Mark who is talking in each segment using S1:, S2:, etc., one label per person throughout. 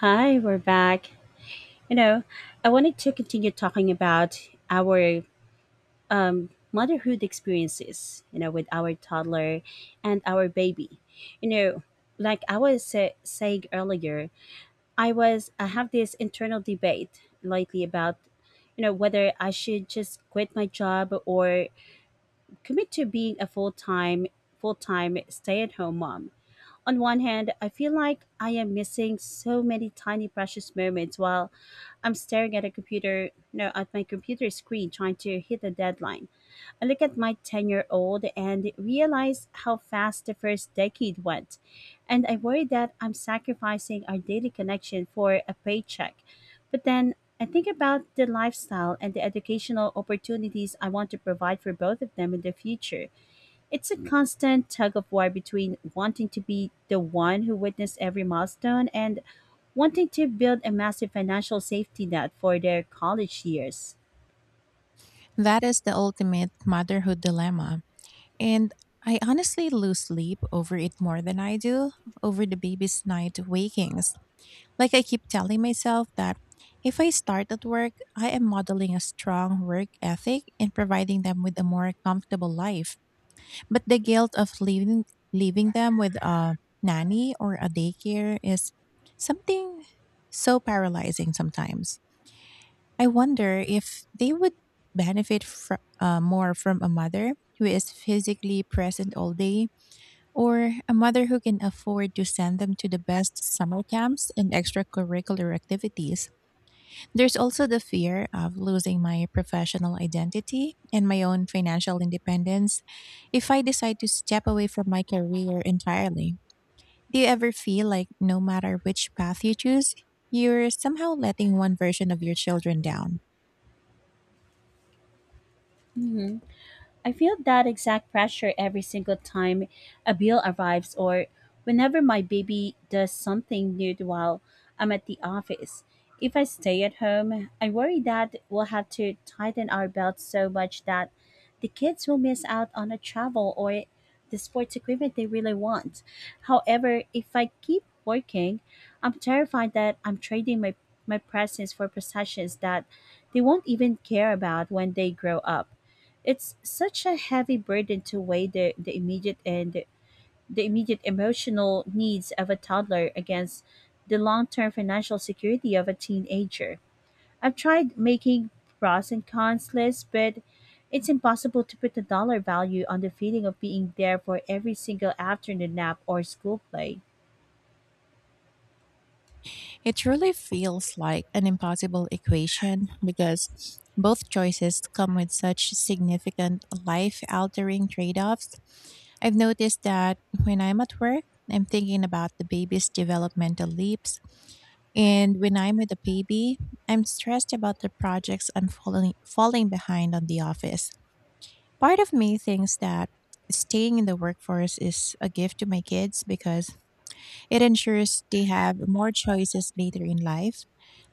S1: Hi, we're back. You know, I wanted to continue talking about our motherhood experiences, you know, with our toddler and our baby. You know, like saying earlier, I have this internal debate lately about, you know, whether I should just quit my job or commit to being a full time stay at home mom. On one hand, I feel like I am missing so many tiny precious moments while I'm staring at a computer, no, at my computer screen trying to hit a deadline. I look at my 10-year-old and realize how fast the first decade went, and I worry that I'm sacrificing our daily connection for a paycheck. But then I think about the lifestyle and the educational opportunities I want to provide for both of them in the future. It's a constant tug of war between wanting to be the one who witnessed every milestone and wanting to build a massive financial safety net for their college years.
S2: That is the ultimate motherhood dilemma. And I honestly lose sleep over it more than I do over the baby's night wakings. Like, I keep telling myself that if I start at work, I am modeling a strong work ethic and providing them with a more comfortable life. But the guilt of leaving them with a nanny or a daycare is something so paralyzing sometimes. I wonder if they would benefit more from a mother who is physically present all day, or a mother who can afford to send them to the best summer camps and extracurricular activities. There's also the fear of losing my professional identity and my own financial independence if I decide to step away from my career entirely. Do you ever feel like no matter which path you choose, you're somehow letting one version of your children down?
S1: I feel that exact pressure every single time a bill arrives or whenever my baby does something nude while I'm at the office. If I stay at home, I worry that we'll have to tighten our belts so much that the kids will miss out on a travel or the sports equipment they really want. However, if I keep working, I'm terrified that I'm trading my presents for possessions that they won't even care about when they grow up. It's such a heavy burden to weigh the immediate and the immediate emotional needs of a toddler against the long-term financial security of a teenager. I've tried making pros and cons lists, but it's impossible to put a dollar value on the feeling of being there for every single afternoon nap or school play.
S2: It truly feels like an impossible equation because both choices come with such significant life altering trade offs. I've noticed that when I'm at work, I'm thinking about the baby's developmental leaps. And when I'm with a baby, I'm stressed about the projects I'm falling behind on the office. Part of me thinks that staying in the workforce is a gift to my kids because it ensures they have more choices later in life,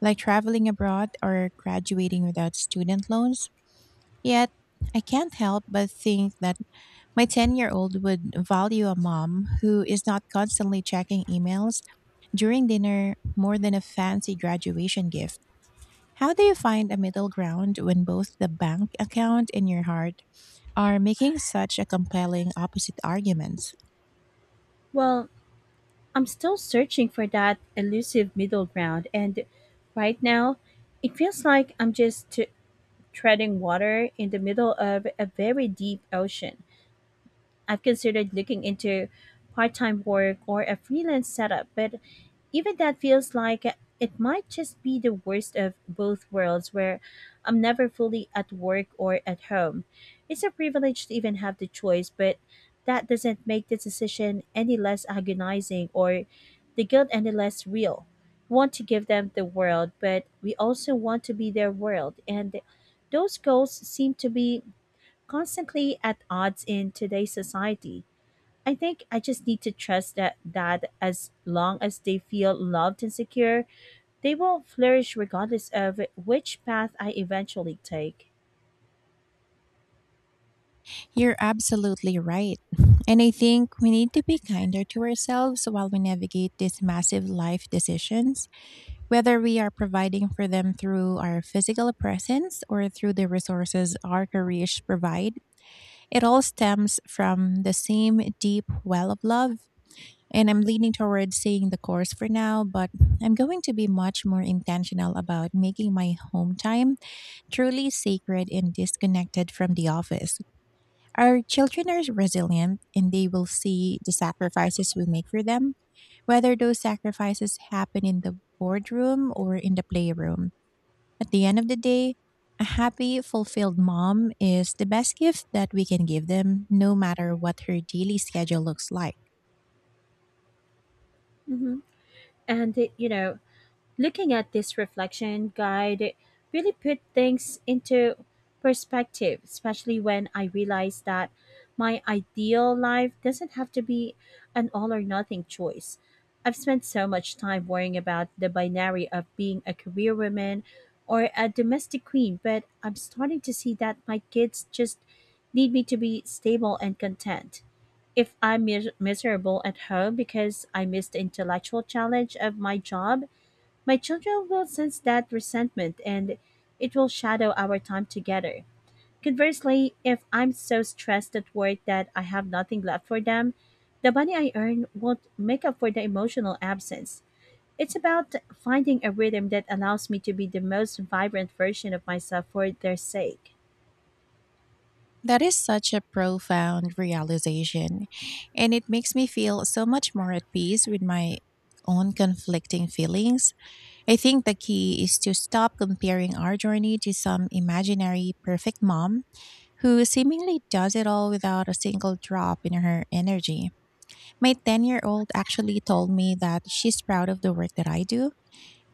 S2: like traveling abroad or graduating without student loans. Yet, I can't help but think that my 10-year-old year old would value a mom who is not constantly checking emails during dinner more than a fancy graduation gift. How do you find a middle ground when both the bank account and your heart are making such a compelling opposite argument?
S1: Well, I'm still searching for that elusive middle ground, and right now, it feels like treading water in the middle of a very deep ocean. I've considered looking into part time work or a freelance setup, but even that feels like it might just be the worst of both worlds where I'm never fully at work or at home. It's a privilege to even have the choice, but that doesn't make the decision any less agonizing or the guilt any less real. We want to give them the world, but we also want to be their world, and those goals seem to be constantly at odds in today's society. I think I just need to trust that as long as they feel loved and secure, they will flourish regardless of which path I eventually take.
S2: You're absolutely right. And I think we need to be kinder to ourselves while we navigate these massive life decisions, whether we are providing for them through our physical presence or through the resources our careers provide. It all stems from the same deep well of love. And I'm leaning towards staying the course for now, but I'm going to be much more intentional about making my home time truly sacred and disconnected from the office. Our children are resilient, and they will see the sacrifices we make for them, whether those sacrifices happen in the boardroom or in the playroom. At the end of the day, a happy, fulfilled mom is the best gift that we can give them, no matter what her daily schedule looks like.
S1: hmm And looking at this reflection guide really put things into perspective, especially when I realized that my ideal life doesn't have to be an all or nothing choice. I've spent so much time worrying about the binary of being a career woman or a domestic queen, but I'm starting to see that my kids just need me to be stable and content. If miserable at home because I miss the intellectual challenge of my job, my children will sense that resentment and it will shadow our time together. Conversely, if I'm so stressed at work that I have nothing left for them, the money I earn won't make up for the emotional absence. It's about finding a rhythm that allows me to be the most vibrant version of myself for their sake.
S2: That is such a profound realization, and it makes me feel so much more at peace with my own conflicting feelings. I think the key is to stop comparing our journey to some imaginary perfect mom who seemingly does it all without a single drop in her energy. My 10-year-old year old actually told me that she's proud of the work that I do,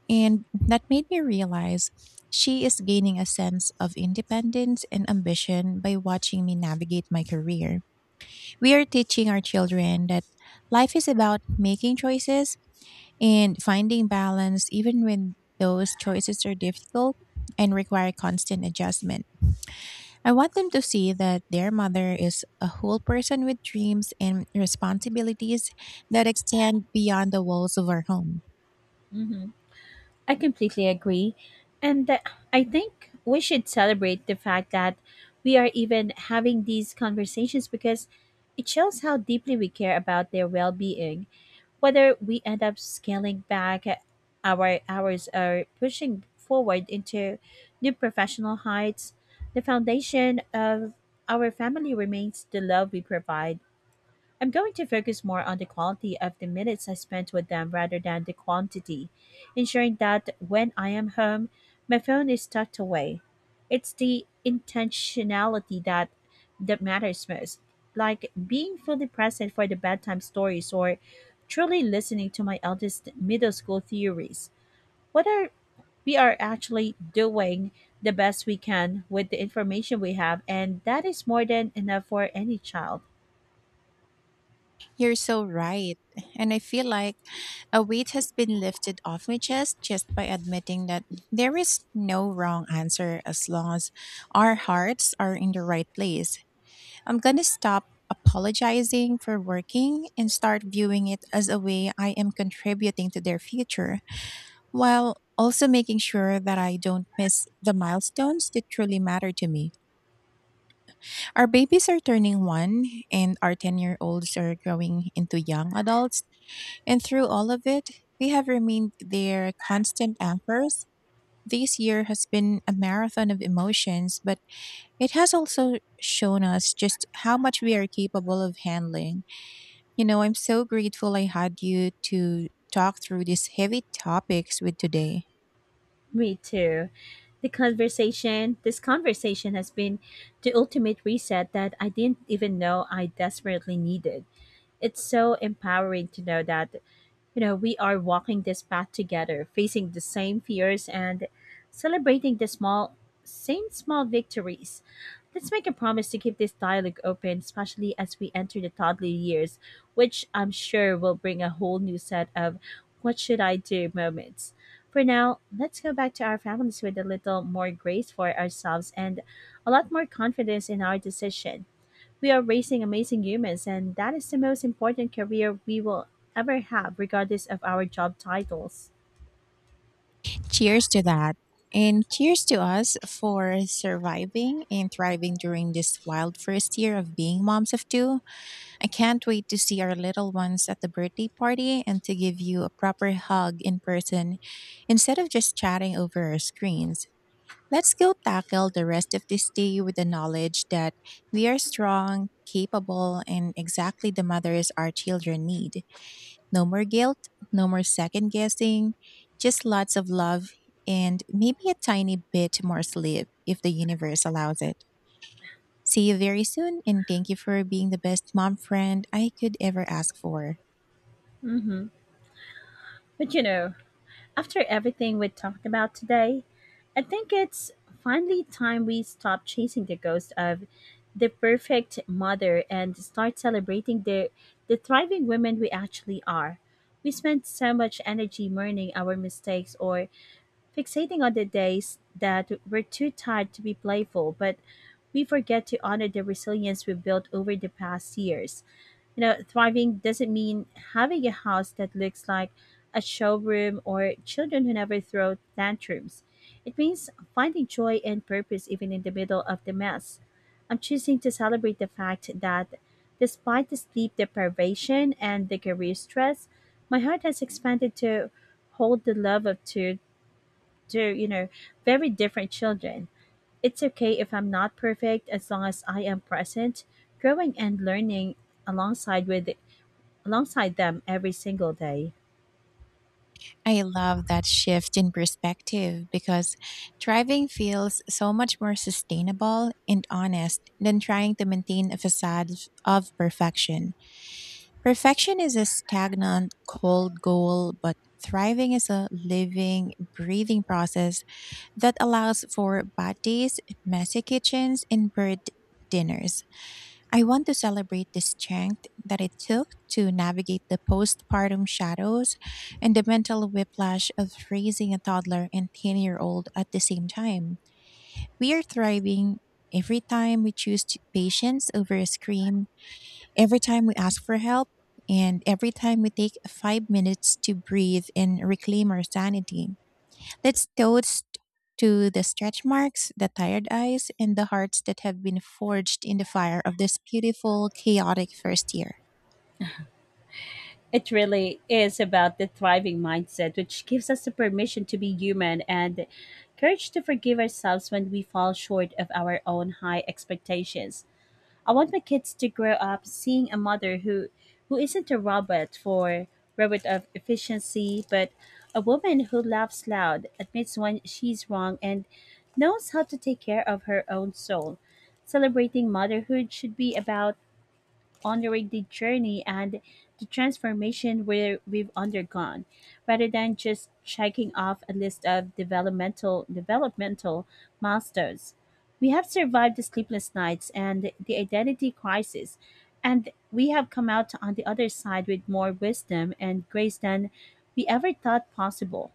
S2: and that made me realize she is gaining a sense of independence and ambition by watching me navigate my career. We are teaching our children that life is about making choices and finding balance, even when those choices are difficult and require constant adjustment. I want them to see that their mother is a whole person with dreams and responsibilities that extend beyond the walls of our home.
S1: Mhm. I completely agree. And th- I think we should celebrate the fact that we are even having these conversations because it shows how deeply we care about their well being. Whether we end up scaling back our hours or pushing forward into new professional heights, the foundation of our family remains the love we provide. I'm going to focus more on the quality of the minutes I spent with them rather than the quantity, ensuring that when I am home, my phone is tucked away. It's the intentionality that matters most, like being fully present for the bedtime stories or truly listening to my eldest middle school theories. What are We are actually doing the best we can with the information we have, and that is more than enough for any child.
S2: You're so right. And I feel like a weight has been lifted off my chest just by admitting that there is no wrong answer as long as our hearts are in the right place. I'm going to stop apologizing for working and start viewing it as a way I am contributing to their future, while also making sure that I don't miss the milestones that truly matter to me. Our babies are turning one, and our 10-year-olds year olds are growing into young adults. And through all of it, they have remained their constant anchors. This year has been a marathon of emotions, but it has also shown us just how much we are capable of handling. You know, I'm so grateful I had you to talk through these heavy topics with today.
S1: Me too. This conversation has been the ultimate reset that I didn't even know I desperately needed. It's so empowering to know that we are walking this path together, facing the same fears and celebrating same small victories. Let's make a promise to keep this dialogue open, especially as we enter the toddler years, which I'm sure will bring a whole new set of what should I do moments. For now, let's go back to our families with a little more grace for ourselves and a lot more confidence in our decisions. We are raising amazing humans, and that is the most important career we will ever have, regardless of our job titles.
S2: Cheers to that. And cheers to us for surviving and thriving during this wild first year of being moms of two. I can't wait to see our little ones at the birthday party and to give you a proper hug in person instead of just chatting over our screens. Let's go tackle the rest of this day with the knowledge that we are strong, capable, and exactly the mothers our children need. No more guilt, no more second guessing, just lots of love and maybe a tiny bit more sleep if the universe allows it. See you very soon, and thank you for being the best mom friend I could ever ask for.
S1: hmm But after everything we talked about today, I think it's finally time we stop chasing the ghost of the perfect mother and start celebrating the thriving women we actually are. We spend so much energy mourning our mistakes or fixating on the days that we're too tired to be playful, but we forget to honor the resilience we've built over the past years. Thriving doesn't mean having a house that looks like a showroom or children who never throw tantrums. It means finding joy and purpose even in the middle of the mess. I'm choosing to celebrate the fact that despite the sleep deprivation and the career stress, my heart has expanded to hold the love of two. to, you know, Very different children. It's okay if I'm not perfect as long as I am present, growing and learning alongside with alongside them every single day.
S2: I love that shift in perspective because thriving feels so much more sustainable and honest than trying to maintain a facade of perfection. Perfection is a stagnant, cold goal, but thriving is a living, breathing process that allows for bad days, messy kitchens, and bird dinners. I want to celebrate the strength that it took to navigate the postpartum shadows and the mental whiplash of raising a toddler and 10-year-old year old at the same time. We are thriving every time we choose to- patience over a scream, every time we ask for help, and every time we take 5 minutes to breathe and reclaim our sanity. Let's toast to the stretch marks, the tired eyes, and the hearts that have been forged in the fire of this beautiful, chaotic first year.
S1: It really is about the thriving mindset, which gives us the permission to be human and courage to forgive ourselves when we fall short of our own high expectations. I want my kids to grow up seeing a mother who isn't a robot of efficiency, but a woman who laughs loud, admits when she's wrong, and knows how to take care of her own soul. Celebrating motherhood should be about honoring the journey and the transformation we've undergone, rather than just checking off a list of developmental milestones. We have survived the sleepless nights and the identity crisis, and we have come out on the other side with more wisdom and grace than we ever thought possible.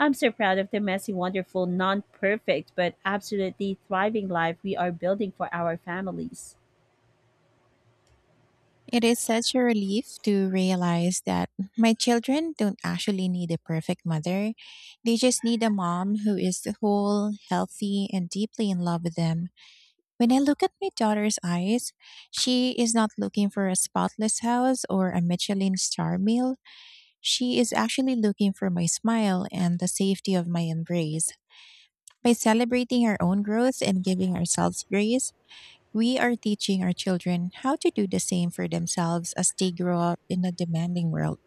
S1: I'm so proud of the messy, wonderful, non perfect, but absolutely thriving life we are building for our families.
S2: It is such a relief to realize that my children don't actually need a perfect mother. They just need a mom who is whole, healthy, and deeply in love with them. When I look at my daughter's eyes, she is not looking for a spotless house or a Michelin star meal. She is actually looking for my smile and the safety of my embrace. By celebrating our own growth and giving ourselves grace, we are teaching our children how to do the same for themselves as they grow up in a demanding world.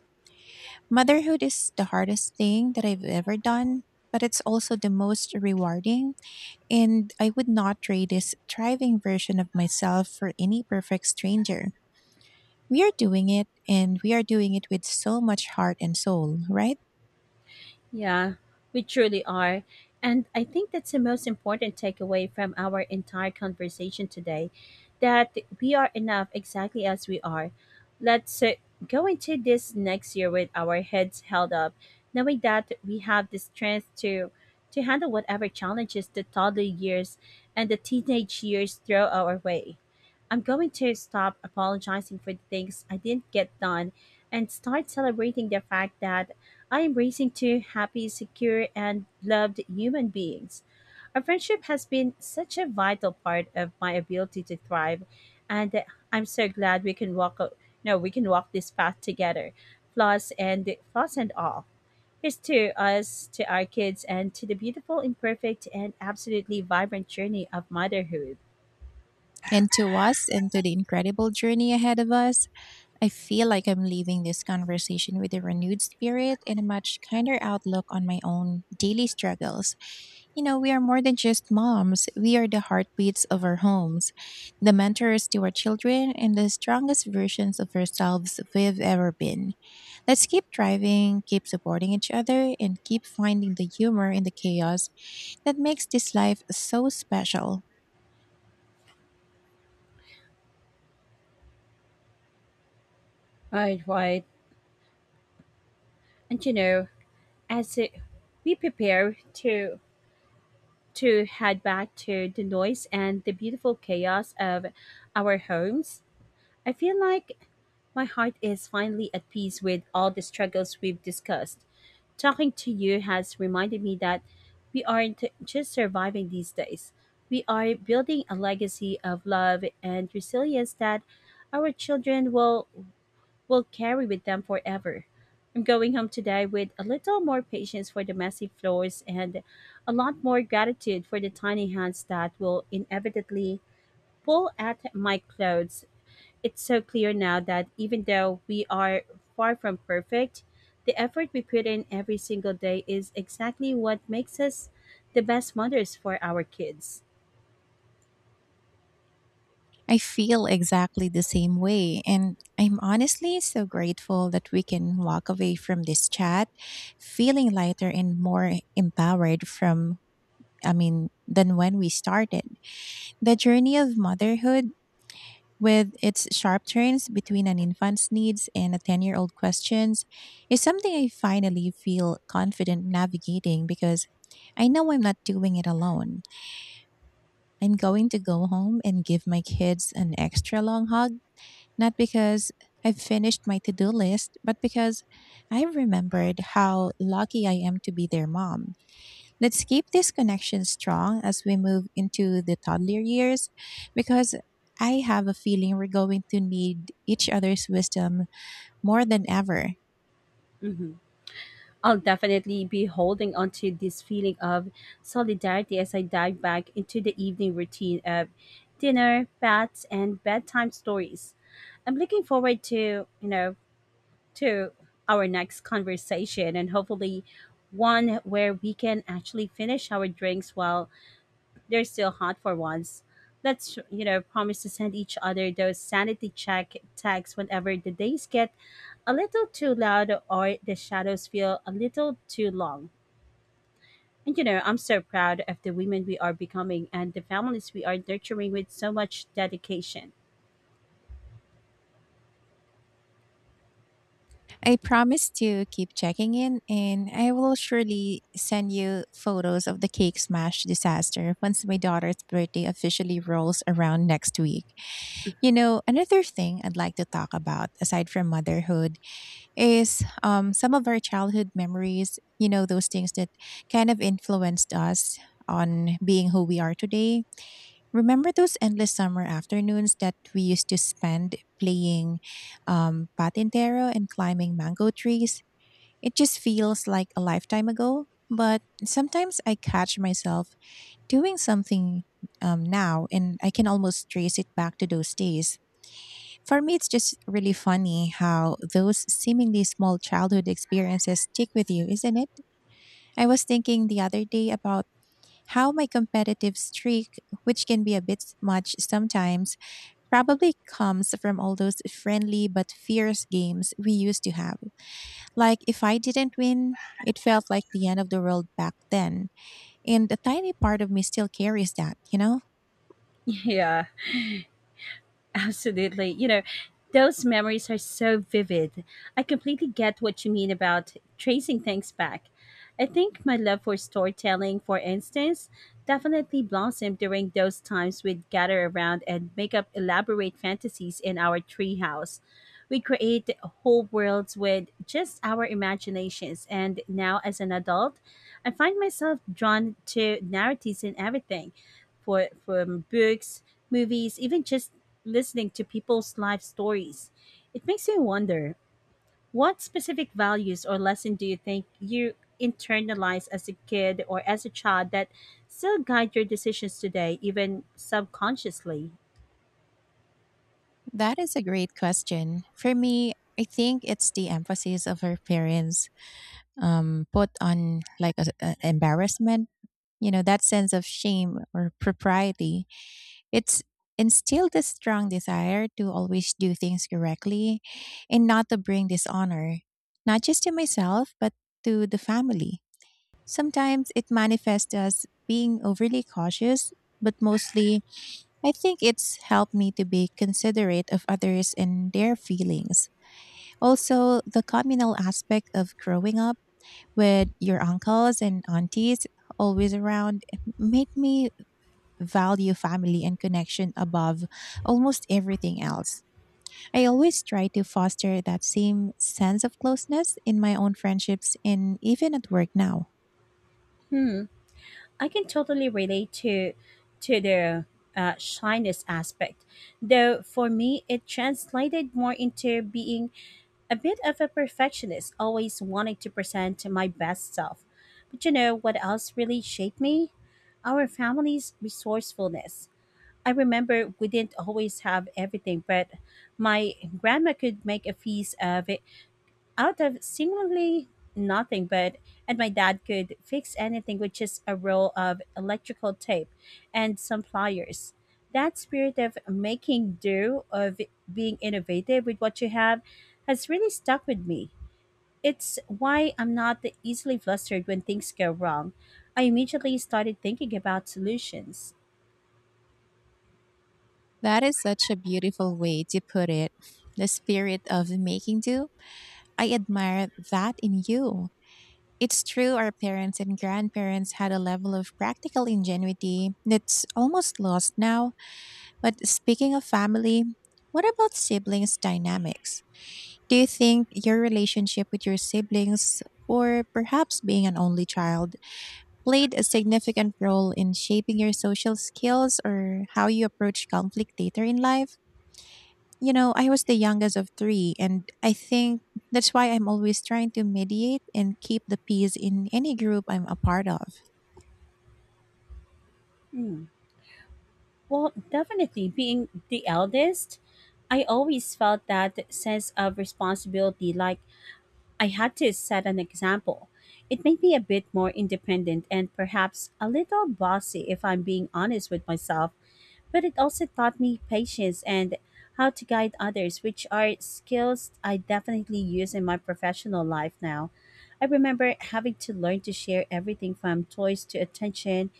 S2: Motherhood is the hardest thing that I've ever done, but it's also the most rewarding, and I would not trade this thriving version of myself for any perfect stranger. We are doing it, and we are doing it with so much heart and soul, right?
S1: Yeah, we truly are. And I think that's the most important takeaway from our entire conversation today, that we are enough exactly as we are. Let's go into this next year with our heads held up, knowing that we have the strength to handle whatever challenges the toddler years and the teenage years throw our way. I'm going to stop apologizing for the things I didn't get done and start celebrating the fact that I am raising two happy, secure, and loved human beings. Our friendship has been such a vital part of my ability to thrive, and I'm so glad we can walk o- no, we can walk this path together, flaws and all. Here's to us, to our kids, and to the beautiful, imperfect, and absolutely vibrant journey of motherhood.
S2: And to us, and to the incredible journey ahead of us. I feel like I'm leaving this conversation with a renewed spirit and a much kinder outlook on my own daily struggles. You know, we are more than just moms. We are the heartbeats of our homes, the mentors to our children, and the strongest versions of ourselves we've ever been. Let's keep driving, keep supporting each other, and keep finding the humor in the chaos that makes this life so special.
S1: Right, right. And as we prepare to to head back to the noise and the beautiful chaos of our homes, I feel like my heart is finally at peace with all the struggles we've discussed. Talking to you has reminded me that we aren't just surviving these days. We are building a legacy of love and resilience that our children will carry with them forever. I'm going home today with a little more patience for the messy floors and a lot more gratitude for the tiny hands that will inevitably pull at my clothes. It's so clear now that even though we are far from perfect, the effort we put in every single day is exactly what makes us the best mothers for our kids.
S2: I feel exactly the same way. And I'm honestly so grateful that we can walk away from this chat feeling lighter and more empowered from, I mean, than when we started. The journey of motherhood, with its sharp turns between an infant's needs and a 10-year-old year old questions, is something I finally feel confident navigating because I know I'm not doing it alone. I'm going to go home and give my kids an extra long hug, not because I've finished my to do list, but because I remembered how lucky I am to be their mom. Let's keep this connection strong as we move into the toddler years, because I have a feeling we're going to need each other's wisdom more than ever.
S1: Mhm. I'll definitely be holding on to this feeling of solidarity as I dive back into the evening routine of dinner, baths, and bedtime stories. I'm looking forward to, to our next conversation and hopefully one where we can actually finish our drinks while they're still hot for once. Let's, promise to send each other those sanity check texts whenever the days get a little too loud or the shadows feel a little too long. And I'm so proud of the women we are becoming and the families we are nurturing with so much dedication.
S2: I promise to keep checking in, and I will surely send you photos of the cake smash disaster once my daughter's birthday officially rolls around next week. You know, another thing I'd like to talk about aside from motherhood is, some of our childhood memories, you know, those things that kind of influenced us on being who we are today. Remember those endless summer afternoons that we used to spend playing, patintero and climbing mango trees? It just feels like a lifetime ago. But sometimes I catch myself doing something, now, and I can almost trace it back to those days. For me, it's just really funny how those seemingly small childhood experiences stick with you, isn't it? I was thinking the other day about how my competitive streak, which can be a bit much sometimes, probably comes from all those friendly but fierce games we used to have. Like, if I didn't win, it felt like the end of the world back then. And a tiny part of me still carries that, you know?
S1: Yeah. Absolutely. You know, those memories are so vivid. I completely get what you mean about tracing things back. I think my love for storytelling, for instance, definitely blossomed during those times we'd gather around and make up elaborate fantasies in our treehouse. We create whole worlds with just our imaginations, and now as an adult, I find myself drawn to narratives in everything for from books, movies, even just listening to people's life stories. It makes me wonder, what specific values or lesson do you think you internalized as a kid or as a child that still guide your decisions today, even subconsciously?
S2: That is a great question. For me, I think it's the emphasis of her parents put on like a embarrassment. You know, that sense of shame or propriety. It's instilled a strong desire to always do things correctly, and not to bring dishonor, not just to myself but to the family. Sometimes it manifests as being overly cautious, but mostly I think it's helped me to be considerate of others and their feelings. Also, the communal aspect of growing up with your uncles and aunties always around made me value family and connection above almost everything else. I always try to foster that same sense of closeness in my own friendships and even at work now.
S1: Hmm. I can totally relate to the shyness aspect, though for me it translated more into being a bit of a perfectionist, always wanting to present my best self. But you know what else really shaped me? Our family's resourcefulness. I remember we didn't always have everything, but my grandma could make a feast of out of seemingly nothing but and my dad could fix anything with just a roll of electrical tape and some pliers. That spirit of making do, of being innovative with what you have, has really stuck with me. It's why I'm not easily flustered when things go wrong. I immediately started thinking about solutions.
S2: That is such a beautiful way to put it. The spirit of making do. I admire that in you. It's true, our parents and grandparents had a level of practical ingenuity that's almost lost now. But speaking of family, what about siblings dynamics? Do you think your relationship with your siblings, or perhaps being an only child, played a significant role in shaping your social skills or how you approach conflict later in life? You know, I was the youngest of three, and I think that's why I'm always trying to mediate and keep the peace in any group I'm a part of.
S1: Hmm. Well, definitely being the eldest, I always felt that sense of responsibility, like I had to set an example. It made me a bit more independent and perhaps a little bossy if I'm being honest with myself, but it also taught me patience and how to guide others, which are skills I definitely use in my professional life now. I remember having to learn to share everything from toys to attention,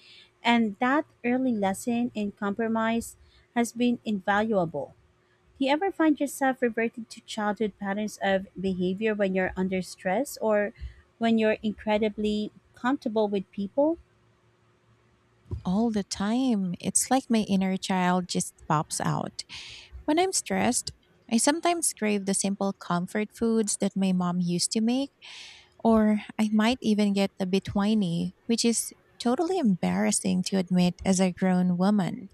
S1: and that early lesson in compromise has been invaluable. Do you ever find yourself reverting to childhood patterns of behavior when you're under stress or when you're incredibly comfortable with people?
S2: All the time. It's like my inner child just pops out. When I'm stressed, I sometimes crave the simple comfort foods that my mom used to make, or I might even get a bit whiny, which is totally embarrassing to admit as a grown woman.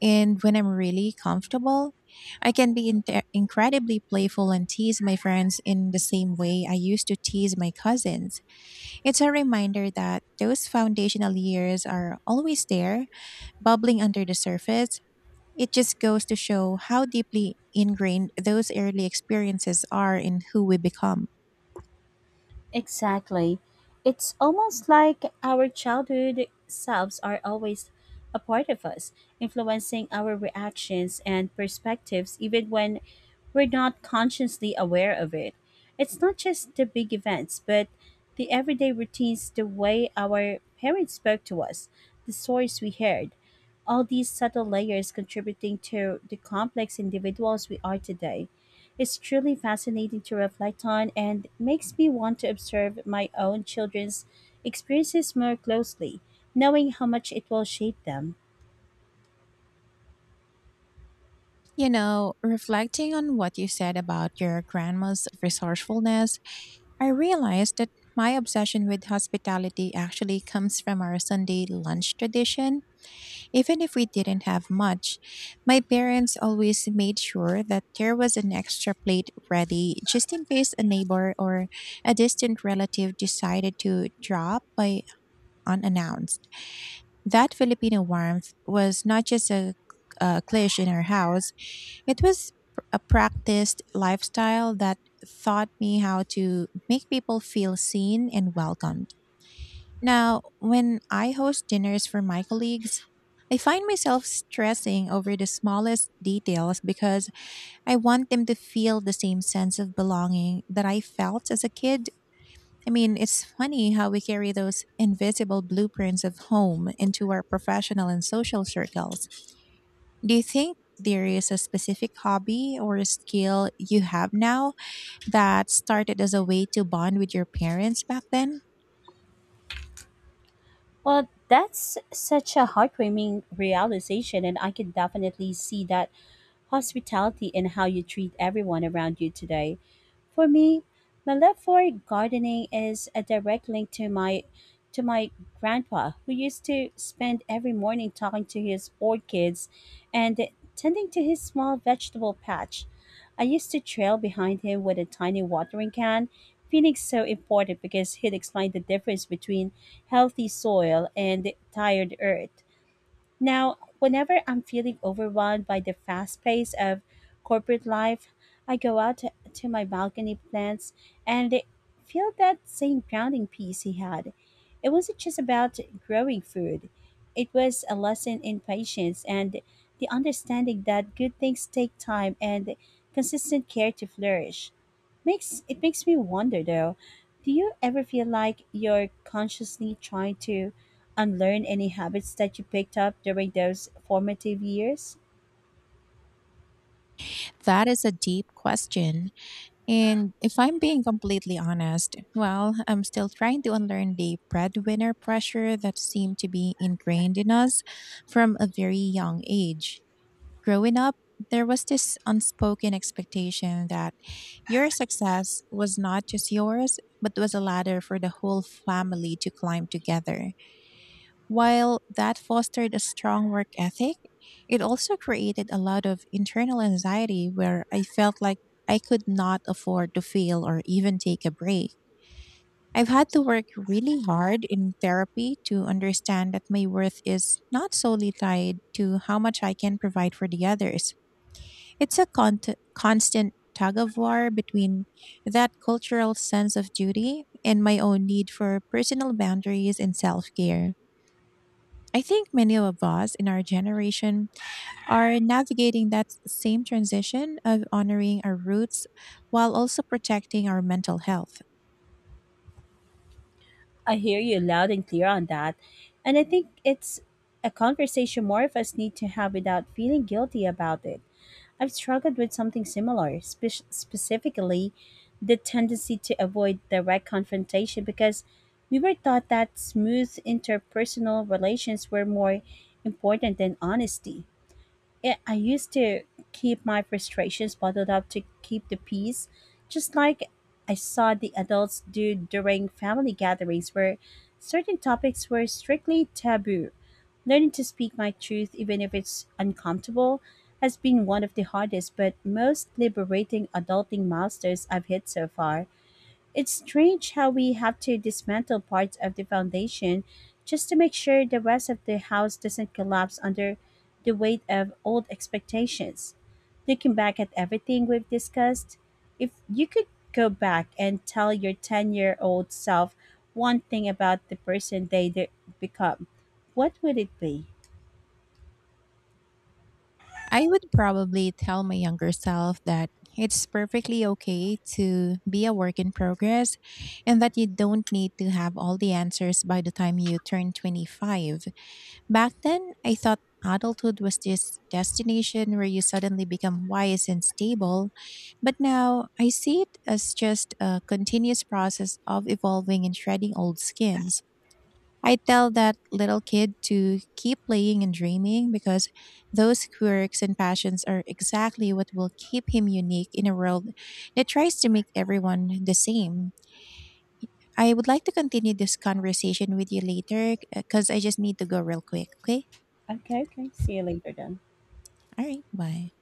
S2: And when I'm really comfortable, I can be incredibly playful and tease my friends in the same way I used to tease my cousins. It's a reminder that those foundational years are always there, bubbling under the surface. It just goes to show how deeply ingrained those early experiences are in who we become.
S1: Exactly. It's almost like our childhood selves are always a part of us, influencing our reactions and perspectives even when we're not consciously aware of it. It's not just the big events, but the everyday routines, the way our parents spoke to us, the stories we heard, all these subtle layers contributing to the complex individuals we are today. It's truly fascinating to reflect on and makes me want to observe my own children's experiences more closely, knowing how much it will shape them.
S2: You know, reflecting on what you said about your grandma's resourcefulness, I realized that my obsession with hospitality actually comes from our Sunday lunch tradition. Even if we didn't have much, my parents always made sure that there was an extra plate ready just in case a neighbor or a distant relative decided to drop by unannounced. That Filipino warmth was not just a cliche in our house, it was a practiced lifestyle that taught me how to make people feel seen and welcomed. Now, when I host dinners for my colleagues, I find myself stressing over the smallest details because I want them to feel the same sense of belonging that I felt as a kid. I mean, it's funny how we carry those invisible blueprints of home into our professional and social circles. Do you think there is a specific hobby or a skill you have now that started as a way to bond with your parents back then?
S1: Well, that's such a heartwarming realization, and I can definitely see that hospitality, and how you treat everyone around you today. For me, my love for gardening is a direct link to my grandpa, who used to spend every morning talking to his orchids and tending to his small vegetable patch. I used to trail behind him with a tiny watering can, feeling so important because he'd explain the difference between healthy soil and tired earth. Now, whenever I'm feeling overwhelmed by the fast pace of corporate life, I go out to my balcony plants and feel that same grounding peace he had. It wasn't just about growing food, it was a lesson in patience and the understanding that good things take time and consistent care to flourish. Makes it makes me wonder though, do you ever feel like you're consciously trying to unlearn any habits that you picked up during those formative years?
S2: That is a deep question. And if I'm being completely honest, well, I'm still trying to unlearn the breadwinner pressure that seemed to be ingrained in us from a very young age. Growing up, there was this unspoken expectation that your success was not just yours, but was a ladder for the whole family to climb together. While that fostered a strong work ethic, it also created a lot of internal anxiety where I felt like I could not afford to fail or even take a break. I've had to work really hard in therapy to understand that my worth is not solely tied to how much I can provide for the others. It's a constant tug of war between that cultural sense of duty and my own need for personal boundaries and self care. I think many of us in our generation are navigating that same transition of honoring our roots while also protecting our mental health.
S1: I hear you loud and clear on that. And I think it's a conversation more of us need to have without feeling guilty about it. I've struggled with something similar, specifically the tendency to avoid direct confrontation because we were taught that smooth interpersonal relations were more important than honesty. Yeah, I used to keep my frustrations bottled up to keep the peace, just like I saw the adults do during family gatherings where certain topics were strictly taboo. Learning to speak my truth, even if it's uncomfortable, has been one of the hardest but most liberating adulting milestones I've hit so far. It's strange how we have to dismantle parts of the foundation just to make sure the rest of the house doesn't collapse under the weight of old expectations. Looking back at everything we've discussed, if you could go back and tell your 10-year-old year old self one thing about the person become, what would it be?
S2: I would probably tell my younger self that it's perfectly okay to be a work in progress, and that you don't need to have all the answers by the time you turn 25. Back then, I thought adulthood was this destination where you suddenly become wise and stable, but now I see it as just a continuous process of evolving and shredding old skins. I tell that little kid to keep playing and dreaming, because those quirks and passions are exactly what will keep him unique in a world that tries to make everyone the same. I would like to continue this conversation with you later, because I just need to go real quick. Okay.
S1: Okay, okay. See you later then.
S2: All right. Bye.